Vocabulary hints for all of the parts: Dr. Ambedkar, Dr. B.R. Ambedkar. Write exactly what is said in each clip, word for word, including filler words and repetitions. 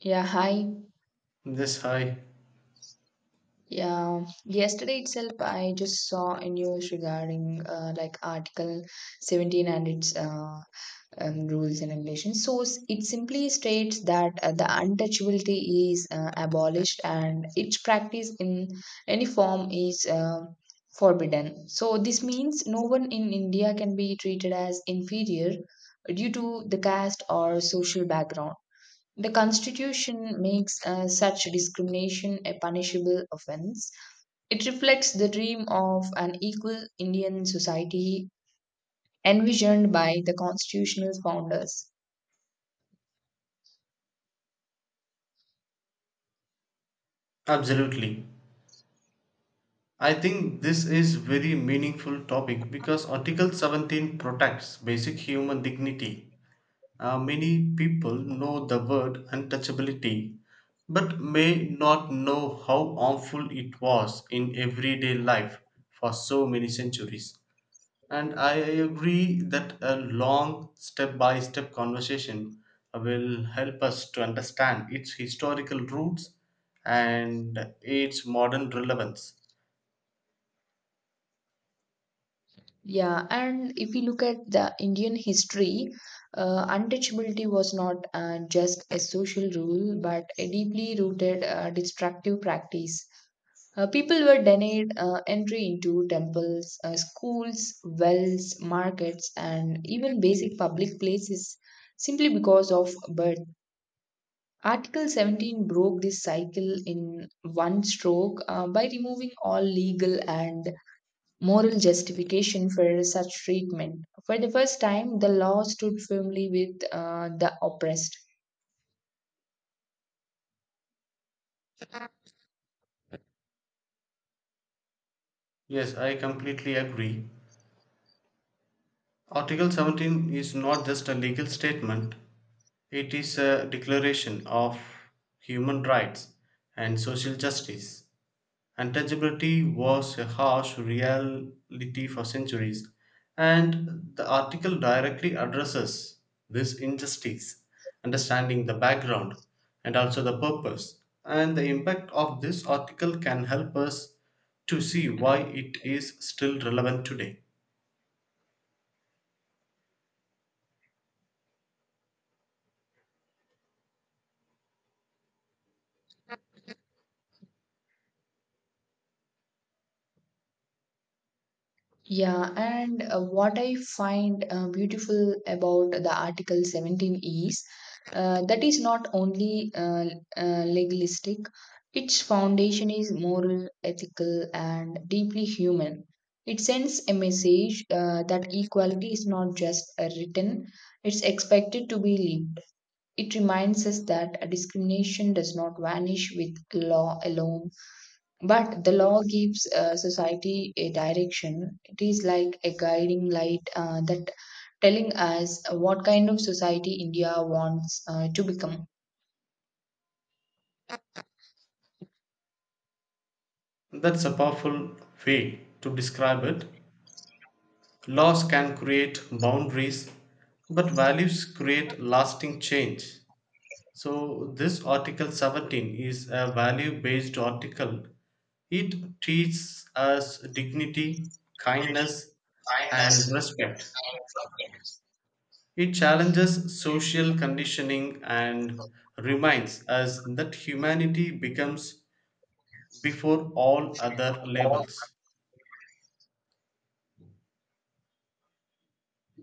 Yeah, hi. Yes, hi. Yeah, yesterday itself, I just saw a news regarding uh, like Article seventeen and its uh, um, rules and regulations. So s- it simply states that uh, the untouchability is uh, abolished and its practice in any form is uh, forbidden. So this means no one in India can be treated as inferior due to the caste or social background. The Constitution makes uh, such discrimination a punishable offense. It reflects the dream of an equal Indian society envisioned by the constitutional founders. Absolutely. I think this is very meaningful topic because Article seventeen protects basic human dignity. Uh, many people know the word untouchability but may not know how harmful it was in everyday life for so many centuries. And I agree that a long step by step conversation will help us to understand its historical roots and its modern relevance. Yeah, and if you look at the Indian history, uh, untouchability was not uh, just a social rule but a deeply rooted uh, destructive practice. Uh, people were denied uh, entry into temples, uh, schools, wells, markets, and even basic public places simply because of birth. Article seventeen broke this cycle in one stroke uh, by removing all legal and moral justification for such treatment. For the first time, the law stood firmly with uh, the oppressed. Yes, I completely agree. Article seventeen is not just a legal statement, it is a declaration of human rights and social justice. Untouchability was a harsh reality for centuries, and the article directly addresses this injustice, understanding the background and also the purpose. And the impact of this article can help us to see why it is still relevant today. Yeah, and uh, what I find uh, beautiful about the Article seventeen is uh, that is not only uh, uh, legalistic. Its foundation is moral, ethical, and deeply human. It sends a message uh, that equality is not just uh, written, it's expected to be lived. It reminds us that discrimination does not vanish with law alone but the law gives uh, society a direction. It is like a guiding light uh, that telling us what kind of society India wants uh, to become. That's a powerful way to describe it. Laws can create boundaries, but values create lasting change. So this Article seventeen is a value based article. It teaches us dignity, kindness, and respect. It challenges social conditioning and reminds us that humanity becomes before all other labels.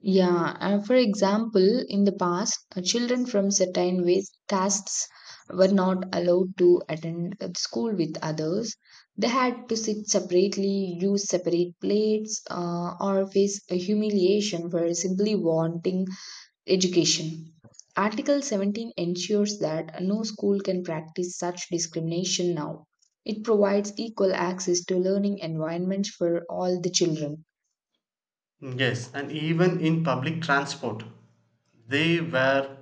Yeah, uh, for example, in the past, uh, children from certain ways, castes were not allowed to attend uh, school with others. They had to sit separately, use separate plates, uh, or face a humiliation for simply wanting education. Article seventeen ensures that no school can practice such discrimination now. It provides equal access to learning environments for all the children. Yes, and even in public transport, there were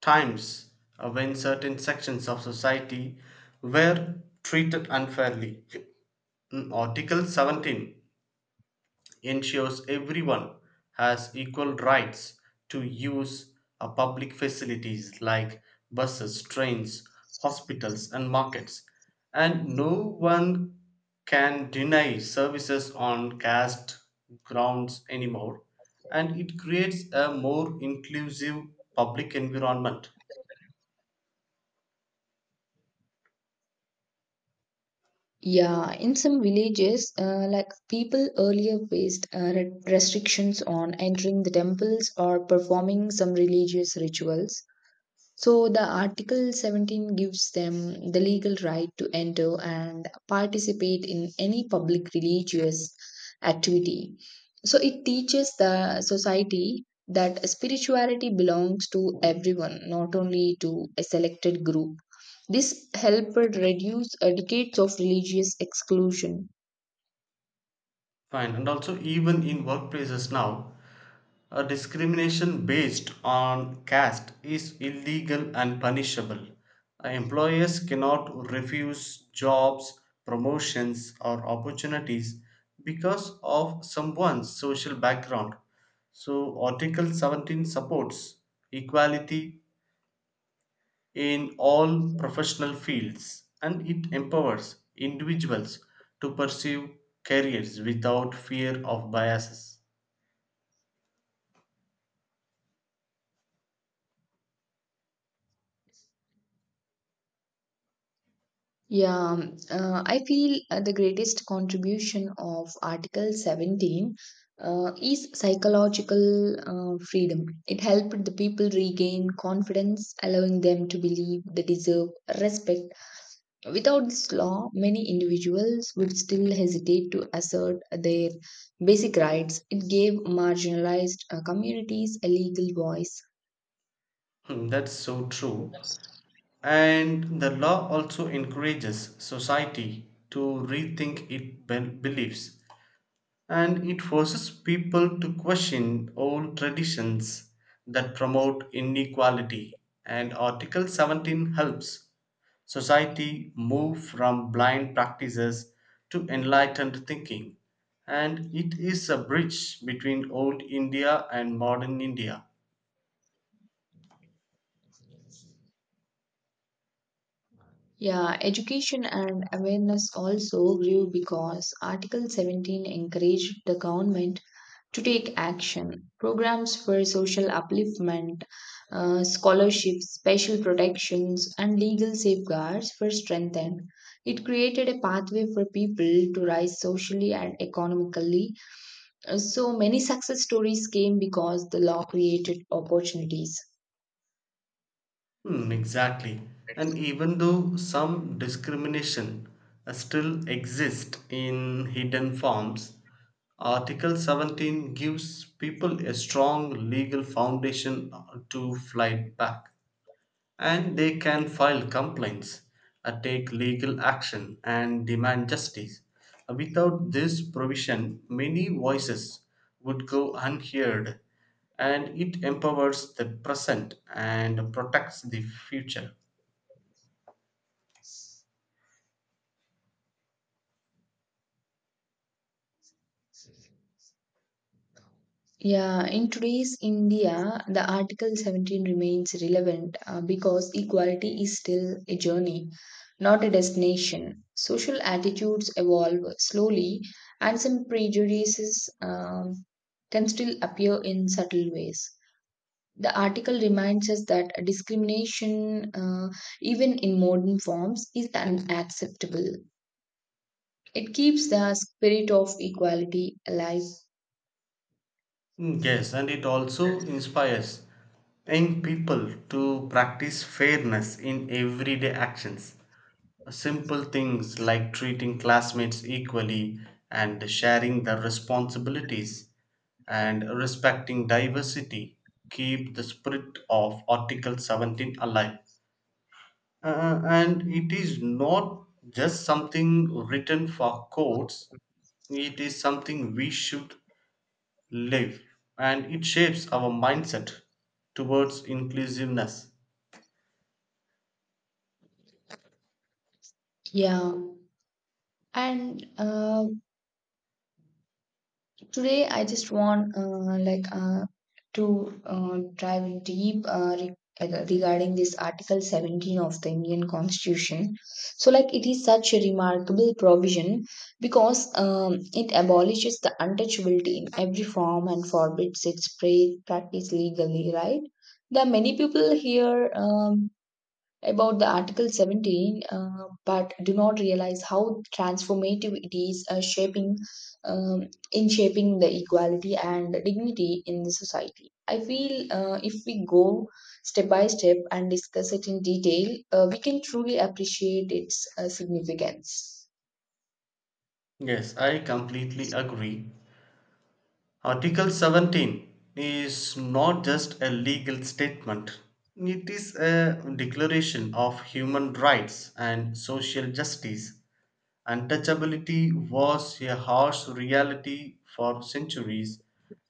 times when certain sections of society were treated unfairly. Mm, Article seventeen ensures everyone has equal rights to use a public facilities like buses, trains, hospitals, and markets, and no one can deny services on caste grounds anymore, and it creates a more inclusive public environment. Yeah, in some villages, uh, like people earlier faced uh, re- restrictions on entering the temples or performing some religious rituals. So the Article seventeen gives them the legal right to enter and participate in any public religious activity. So it teaches the society that spirituality belongs to everyone, not only to a selected group. This helped reduce uh, decades of religious exclusion. Fine, and also even in workplaces now, a discrimination based on caste is illegal and punishable. Uh, Employers cannot refuse jobs, promotions, or opportunities because of someone's social background. So Article seventeen supports equality in all professional fields and it empowers individuals to pursue careers without fear of biases. Yeah, um, uh, I feel uh, the greatest contribution of Article seventeen uh, is psychological uh, freedom. It helped the people regain confidence, allowing them to believe they deserve respect. Without this law, many individuals would still hesitate to assert their basic rights. It gave marginalized uh, communities a legal voice. Hmm, that's so true. And the law also encourages society to rethink its bel- beliefs and it forces people to question old traditions that promote inequality. And Article seventeen helps society move from blind practices to enlightened thinking. And it is a bridge between old India and modern India. Yeah, education and awareness also grew because Article seventeen encouraged the government to take action. Programs for social upliftment, uh, scholarships, special protections, and legal safeguards were strengthened. It created a pathway for people to rise socially and economically. Uh, So many success stories came because the law created opportunities. Hmm, exactly. And even though some discrimination uh, still exists in hidden forms, Article seventeen gives people a strong legal foundation uh, to fight back and they can file complaints, uh, take legal action, and demand justice. Uh, Without this provision, many voices would go unheard, and it empowers the present and protects the future. Yeah, in today's India, the Article seventeen remains relevant uh, because equality is still a journey, not a destination. Social attitudes evolve slowly, and some prejudices um, can still appear in subtle ways. The article reminds us that discrimination, uh, even in modern forms, is unacceptable. It keeps the spirit of equality alive. Mm, yes, and it also inspires young people to practice fairness in everyday actions. Simple things like treating classmates equally and sharing their responsibilities and respecting diversity keep the spirit of Article seventeen alive. Uh, and it is not just something written for courts, it is something we should live and it shapes our mindset towards inclusiveness. Yeah. And uh, Today, I just want uh, like uh, to uh, dive in deep uh, re- like, uh, regarding this Article seventeen of the Indian Constitution. So, like it is such a remarkable provision because um, it abolishes the untouchability in every form and forbids its pra- practice legally. Right? There are many people here. Um, about the Article seventeen, uh, but do not realize how transformative it is uh, shaping um, in shaping the equality and dignity in the society. I feel uh, if we go step by step and discuss it in detail, uh, we can truly appreciate its uh, significance. Yes, I completely agree. Article seventeen is not just a legal statement, it is a declaration of human rights and social justice. Untouchability was a harsh reality for centuries,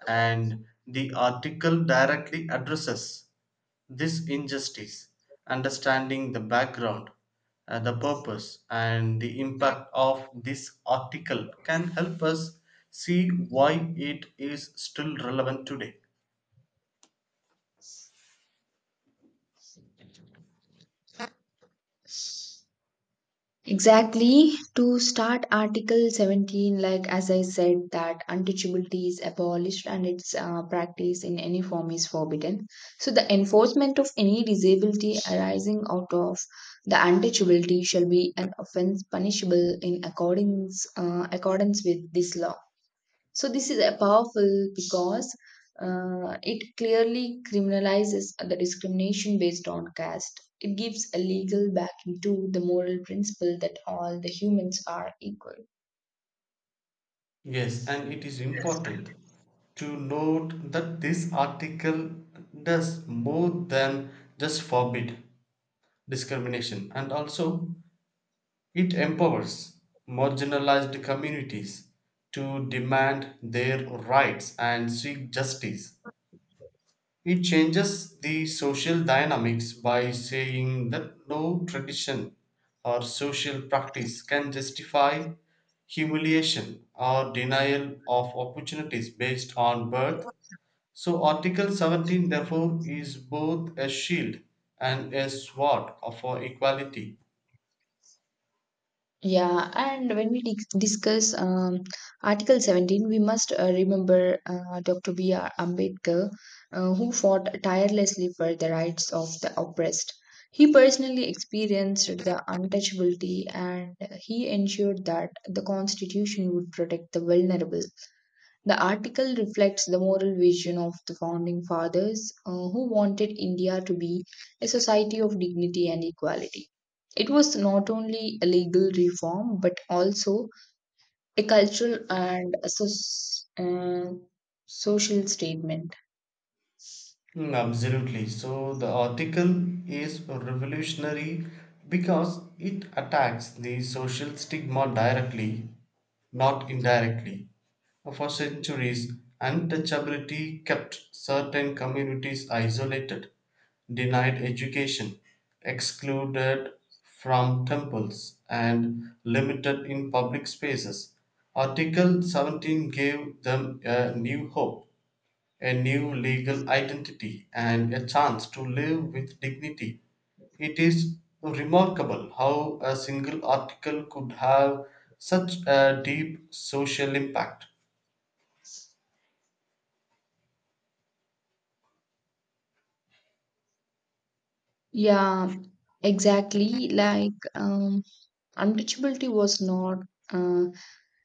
and the article directly addresses this injustice, understanding the background, uh, the purpose, and the impact of this article can help us see why it is still relevant today. Exactly. To start Article seventeen, like as I said, that untouchability is abolished and its uh, practice in any form is forbidden. So, the enforcement of any disability arising out of the untouchability shall be an offense punishable in accordance, uh, accordance with this law. So this is a powerful because uh, it clearly criminalizes the discrimination based on caste. It gives a legal backing to the moral principle that all the humans are equal. Yes, and it is important to note that this article does more than just forbid discrimination, and also it empowers marginalized communities to demand their rights and seek justice. It changes the social dynamics by saying that no tradition or social practice can justify humiliation or denial of opportunities based on birth. So article seventeen therefore is both a shield and a sword for equality. Yeah, and when we dis- discuss um, Article seventeen, we must uh, remember uh, doctor B R. Ambedkar, uh, who fought tirelessly for the rights of the oppressed. He personally experienced the untouchability and he ensured that the Constitution would protect the vulnerable. The article reflects the moral vision of the founding fathers uh, who wanted India to be a society of dignity and equality. It was not only a legal reform but also a cultural and a soc- uh, social statement. Mm, absolutely. So the article is revolutionary because it attacks the social stigma directly, not indirectly. For centuries, untouchability kept certain communities isolated, denied education, excluded from temples, and limited in public spaces. Article seventeen gave them a new hope, a new legal identity, and a chance to live with dignity. It is remarkable how a single article could have such a deep social impact. Yeah, exactly. Like, um, untouchability was not. Uh,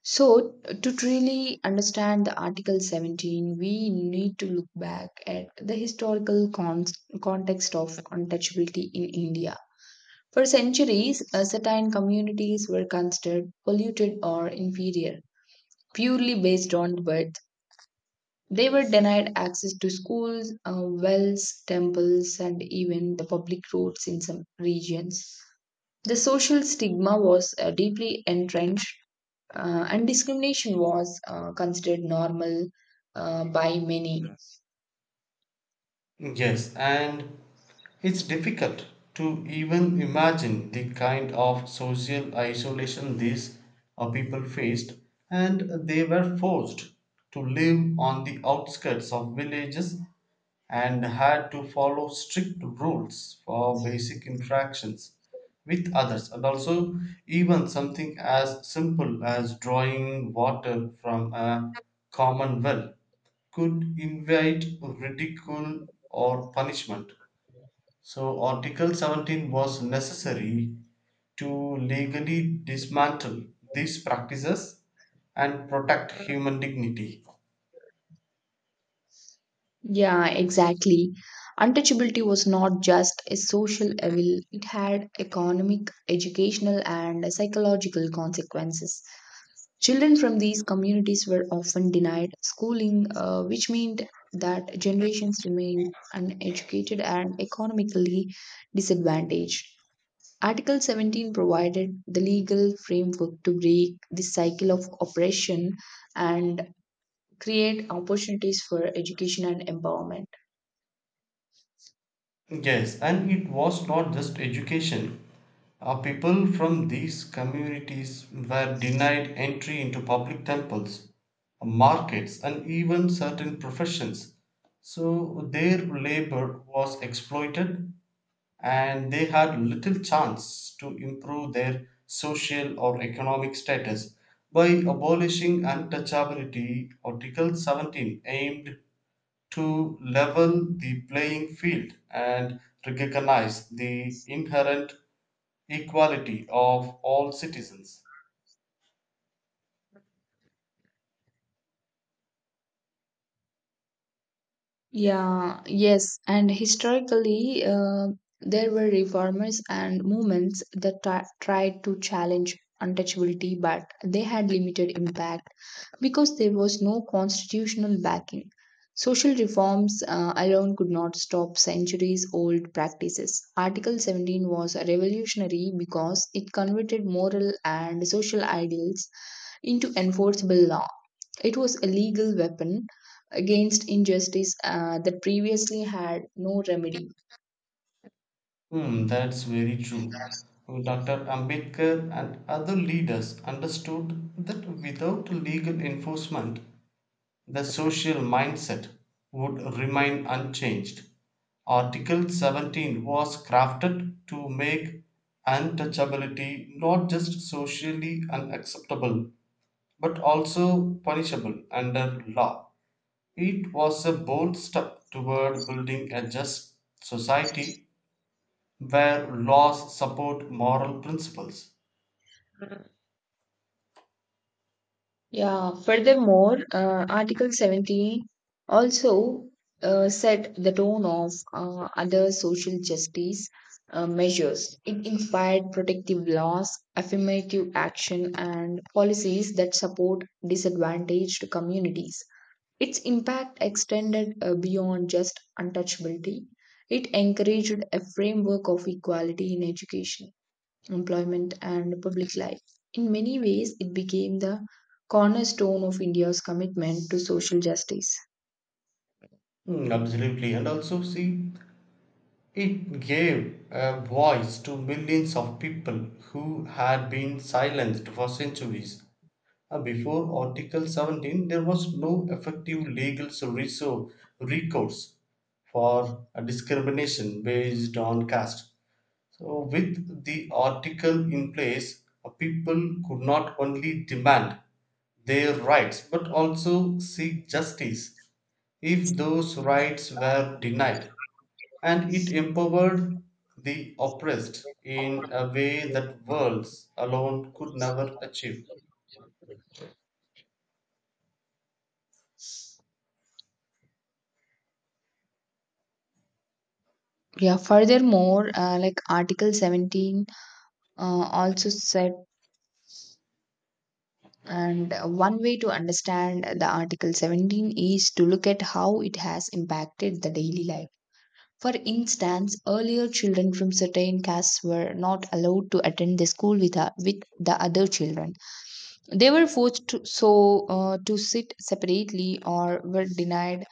So, to truly understand the Article seventeen, we need to look back at the historical con- context of untouchability in India. For centuries, uh, certain communities were considered polluted or inferior purely based on birth. They were denied access to schools, uh, wells, temples, and even the public roads in some regions. The social stigma was uh, deeply entrenched uh, and discrimination was uh, considered normal uh, by many. Yes. Yes, and it's difficult to even imagine the kind of social isolation these uh, people faced, and they were forced to live on the outskirts of villages and had to follow strict rules for basic interactions with others. And also even something as simple as drawing water from a common well could invite ridicule or punishment. So article seventeen was necessary to legally dismantle these practices and protect human dignity. Yeah, exactly. Untouchability was not just a social evil, it had economic, educational, and psychological consequences. Children from these communities were often denied schooling, uh, which meant that generations remained uneducated and economically disadvantaged. Article seventeen provided the legal framework to break the cycle of oppression and create opportunities for education and empowerment. Yes, and it was not just education. Uh, people from these communities were denied entry into public temples, markets, and even certain professions. So their labor was exploited, and they had little chance to improve their social or economic status. By abolishing untouchability, Article seventeen aimed to level the playing field and recognize the inherent equality of all citizens. Yeah, yes, and historically, uh, there were reformers and movements that tri- tried to challenge untouchability, but they had limited impact, because there was no constitutional backing. Social reforms uh, alone could not stop centuries old practices. Article seventeen was revolutionary because it converted moral and social ideals into enforceable law. It was a legal weapon against injustice uh, that previously had no remedy. Hmm, that's very true. doctor Ambedkar and other leaders understood that without legal enforcement, the social mindset would remain unchanged. Article seventeen was crafted to make untouchability not just socially unacceptable but also punishable under law. It was a bold step toward building a just society where laws support moral principles. Yeah, furthermore, uh, Article seventeen also uh, set the tone of uh, other social justice uh, measures. It inspired protective laws, affirmative action, and policies that support disadvantaged communities. Its impact extended uh, beyond just untouchability. It encouraged a framework of equality in education, employment, and public life. In many ways, it became the cornerstone of India's commitment to social justice. Mm, absolutely. And also, see, it gave a voice to millions of people who had been silenced for centuries. Uh, Before Article seventeen, there was no effective legal resor- recourse for uh, discrimination based on caste. So with the article in place, uh, people could not only demand their rights but also seek justice if those rights were denied, and it empowered the oppressed in a way that words alone could never achieve. Yeah, furthermore, uh, like Article seventeen uh, also said, and uh, one way to understand the Article seventeen is to look at how it has impacted the daily life. For instance, earlier children from certain castes were not allowed to attend the school with, uh, with the other children. They were forced to, so uh, to sit separately or were denied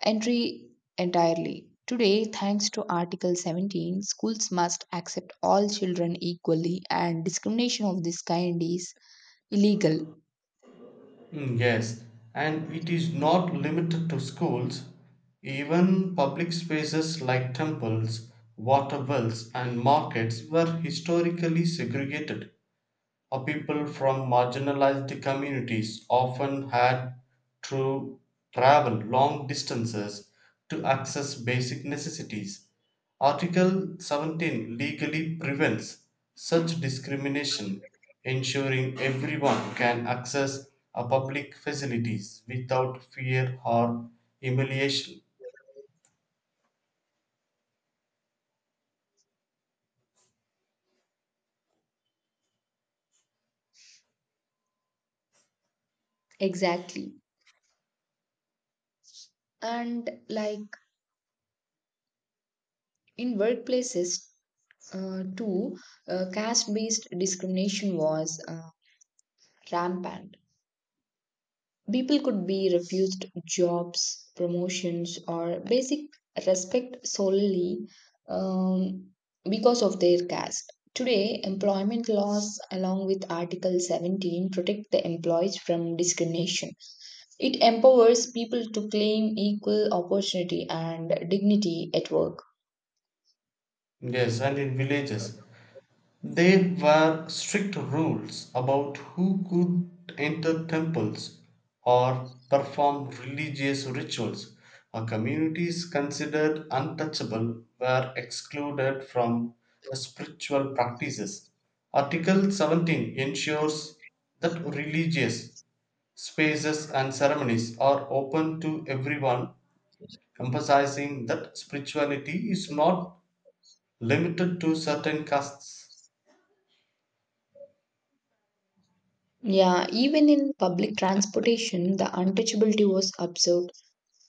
entry entirely. Today, thanks to Article seventeen, schools must accept all children equally, and discrimination of this kind is illegal. Mm, yes, and it is not limited to schools. Even public spaces like temples, water wells, and markets were historically segregated, or people from marginalized communities often had to travel long distances to access basic necessities. Article seventeen legally prevents such discrimination, ensuring everyone can access a public facilities without fear or humiliation. Exactly. And like in workplaces, uh, too, uh, caste based discrimination was uh, rampant. People could be refused jobs, promotions, or basic respect solely um, because of their caste. Today, employment laws, along with Article seventeen, protect the employees from discrimination. It empowers people to claim equal opportunity and dignity at work. Yes, and in villages, there were strict rules about who could enter temples or perform religious rituals. Uh, Communities considered untouchable were excluded from uh, spiritual practices. Article seventeen ensures that religious spaces and ceremonies are open to everyone, emphasizing that spirituality is not limited to certain castes. Yeah, even in public transportation, the untouchability was observed.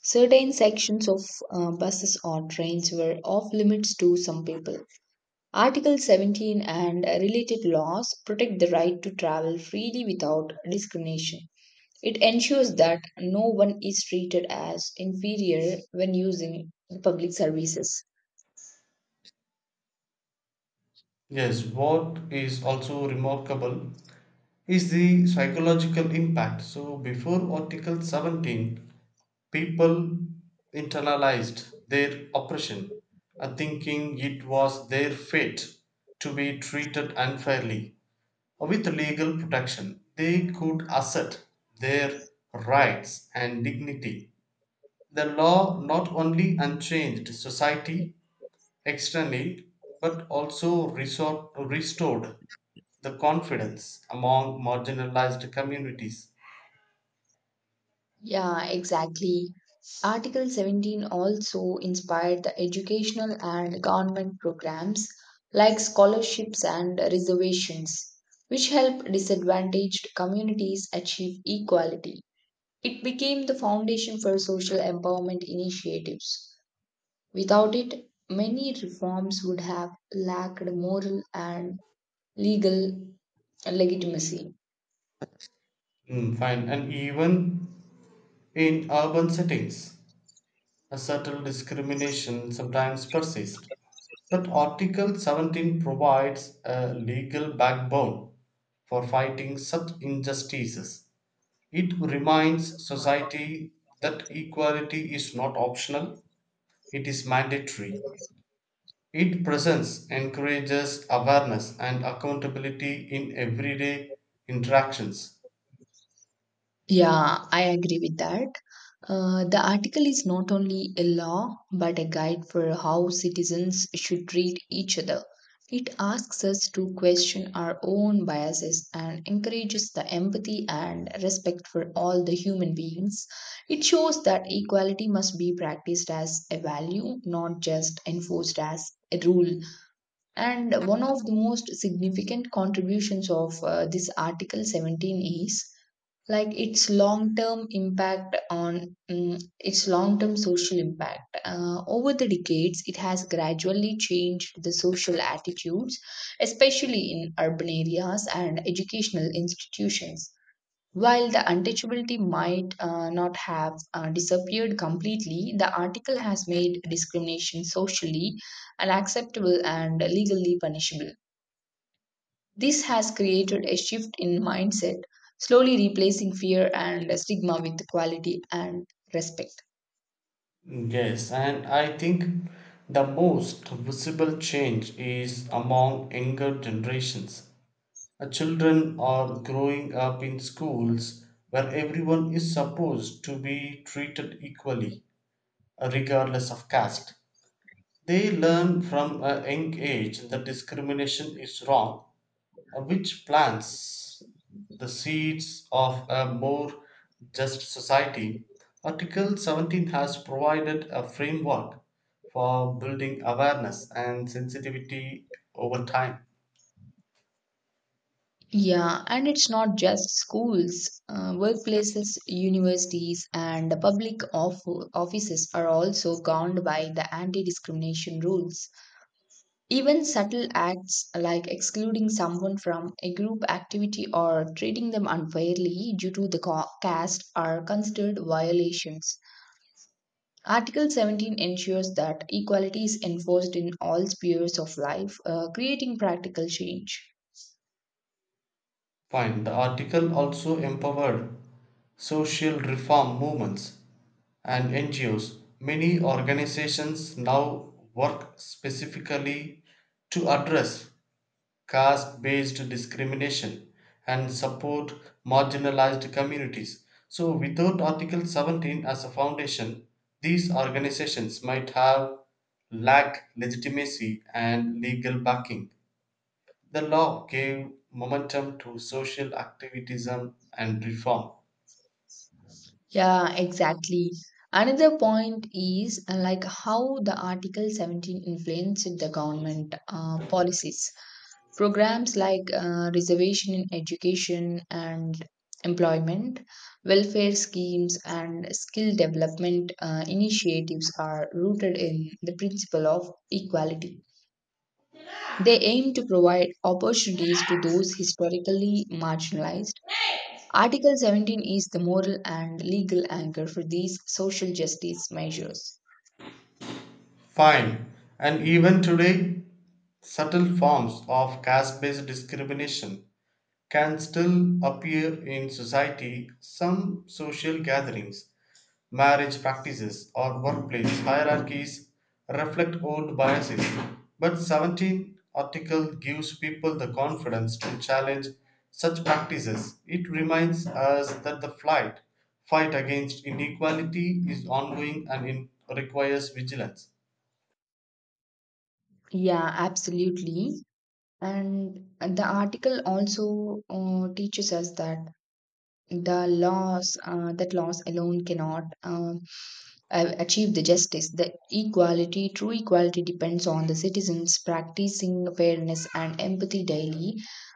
Certain sections of uh, buses or trains were off limits to some people. Article seventeen and related laws protect the right to travel freely without discrimination. It ensures that no one is treated as inferior when using public services. Yes, what is also remarkable is the psychological impact. So before Article seventeen, people internalized their oppression, uh, thinking it was their fate to be treated unfairly. With legal protection, they could assert their rights and dignity. The law not only unchanged society externally but also resort, restored the confidence among marginalized communities. Yeah, exactly. Article seventeen also inspired the educational and government programs like scholarships and reservations, which help disadvantaged communities achieve equality. It became the foundation for social empowerment initiatives. Without it, many reforms would have lacked moral and legal legitimacy. Mm, fine. And even in urban settings, a subtle discrimination sometimes persists. But Article seventeen provides a legal backbone for fighting such injustices. It reminds society that equality is not optional, it is mandatory. Its presence encourages awareness and accountability in everyday interactions. Yeah, I agree with that. Uh, the article is not only a law but a guide for how citizens should treat each other. It asks us to question our own biases and encourages the empathy and respect for all the human beings. It shows that equality must be practiced as a value, not just enforced as a rule. And one of the most significant contributions of uh, this Article seventeen is like its long term impact on mm, its long term social impact uh, over the decades. It has gradually changed the social attitudes, especially in urban areas and educational institutions. While the untouchability might uh, not have uh, disappeared completely, the article has made discrimination socially unacceptable and legally punishable. This has created a shift in mindset, slowly replacing fear and stigma with quality and respect. Yes, and I think the most visible change is among younger generations. Uh, Children are growing up in schools where everyone is supposed to be treated equally, uh, regardless of caste. They learn from a young age that discrimination is wrong, which plants the seeds of a more just society. Article seventeen has provided a framework for building awareness and sensitivity over time. Yeah, and it's not just schools, uh, workplaces, universities, and the public off- offices are also governed by the anti discrimination rules. Even subtle acts like excluding someone from a group activity or treating them unfairly due to the co- caste are considered violations. Article seventeen ensures that equality is enforced in all spheres of life, uh, creating practical change. Fine. The article also empowered social reform movements and N G Os. Many organizations now work specifically to address caste based discrimination and support marginalized communities. So without Article seventeen as a foundation, these organizations might have lack legitimacy and legal backing. The law gave momentum to social activism and reform. Yeah, exactly. Another point is uh, like how the Article seventeen influenced the government uh, policies. Programs like uh, reservation in education and employment, welfare schemes, and skill development uh, initiatives are rooted in the principle of equality. They aim to provide opportunities to those historically marginalized. Article seventeen is the moral and legal anchor for these social justice measures. Fine, and even today, subtle forms of caste based discrimination can still appear in society. Some social gatherings, marriage practices or workplace hierarchies reflect old biases, but seventeen article gives people the confidence to challenge such practices. It reminds us that the flight fight against inequality is ongoing and in, requires vigilance. Yeah, absolutely. And the article also uh, teaches us that the laws uh, that laws alone cannot uh, uh, achieve the justice. The equality, true equality depends on the citizens practicing fairness and empathy daily.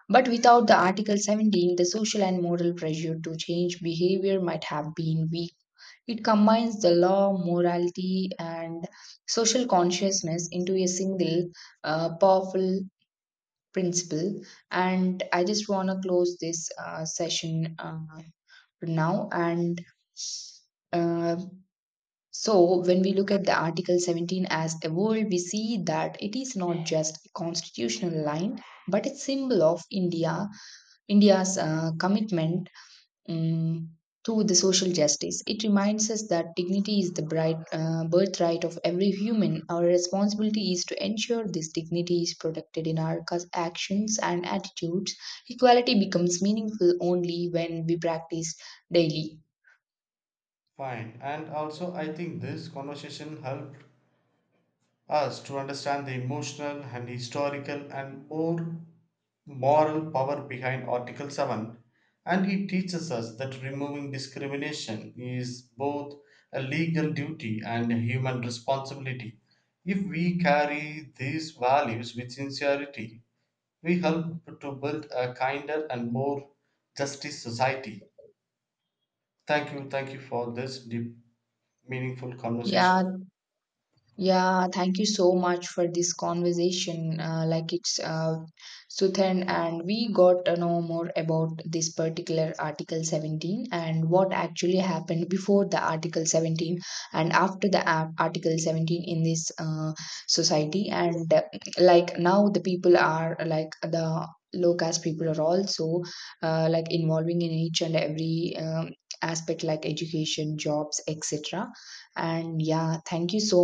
But without the Article seventeen, the social and moral pressure to change behavior might have been weak. It combines the law, morality, and social consciousness into a single uh, powerful principle. And I just want to close this uh, session uh, for now. And uh, so, when we look at the Article seventeen as a world, we see that it is not just a constitutional line, but a symbol of India, India's uh, commitment um, to the social justice. It reminds us that dignity is the bright, uh, birthright of every human. Our responsibility is to ensure this dignity is protected in our cus- actions and attitudes. Equality becomes meaningful only when we practice daily. Fine. And also I think this conversation helped us to understand the emotional and historical and or moral power behind Article seven and it teaches us that removing discrimination is both a legal duty and a human responsibility. If we carry these values with sincerity, we help to build a kinder and more justice society. Thank you, thank you for this deep, meaningful conversation. Yeah, Yeah, thank you so much for this conversation. Uh, like it's uh, Suthan, and we got to know more about this particular Article seventeen and what actually happened before the Article seventeen and after the Ar- Article seventeen in this uh, society. And uh, like now, the people are like the low caste people are also uh, like involving in each and every um, aspect like education, jobs, et cetera. And yeah, thank you so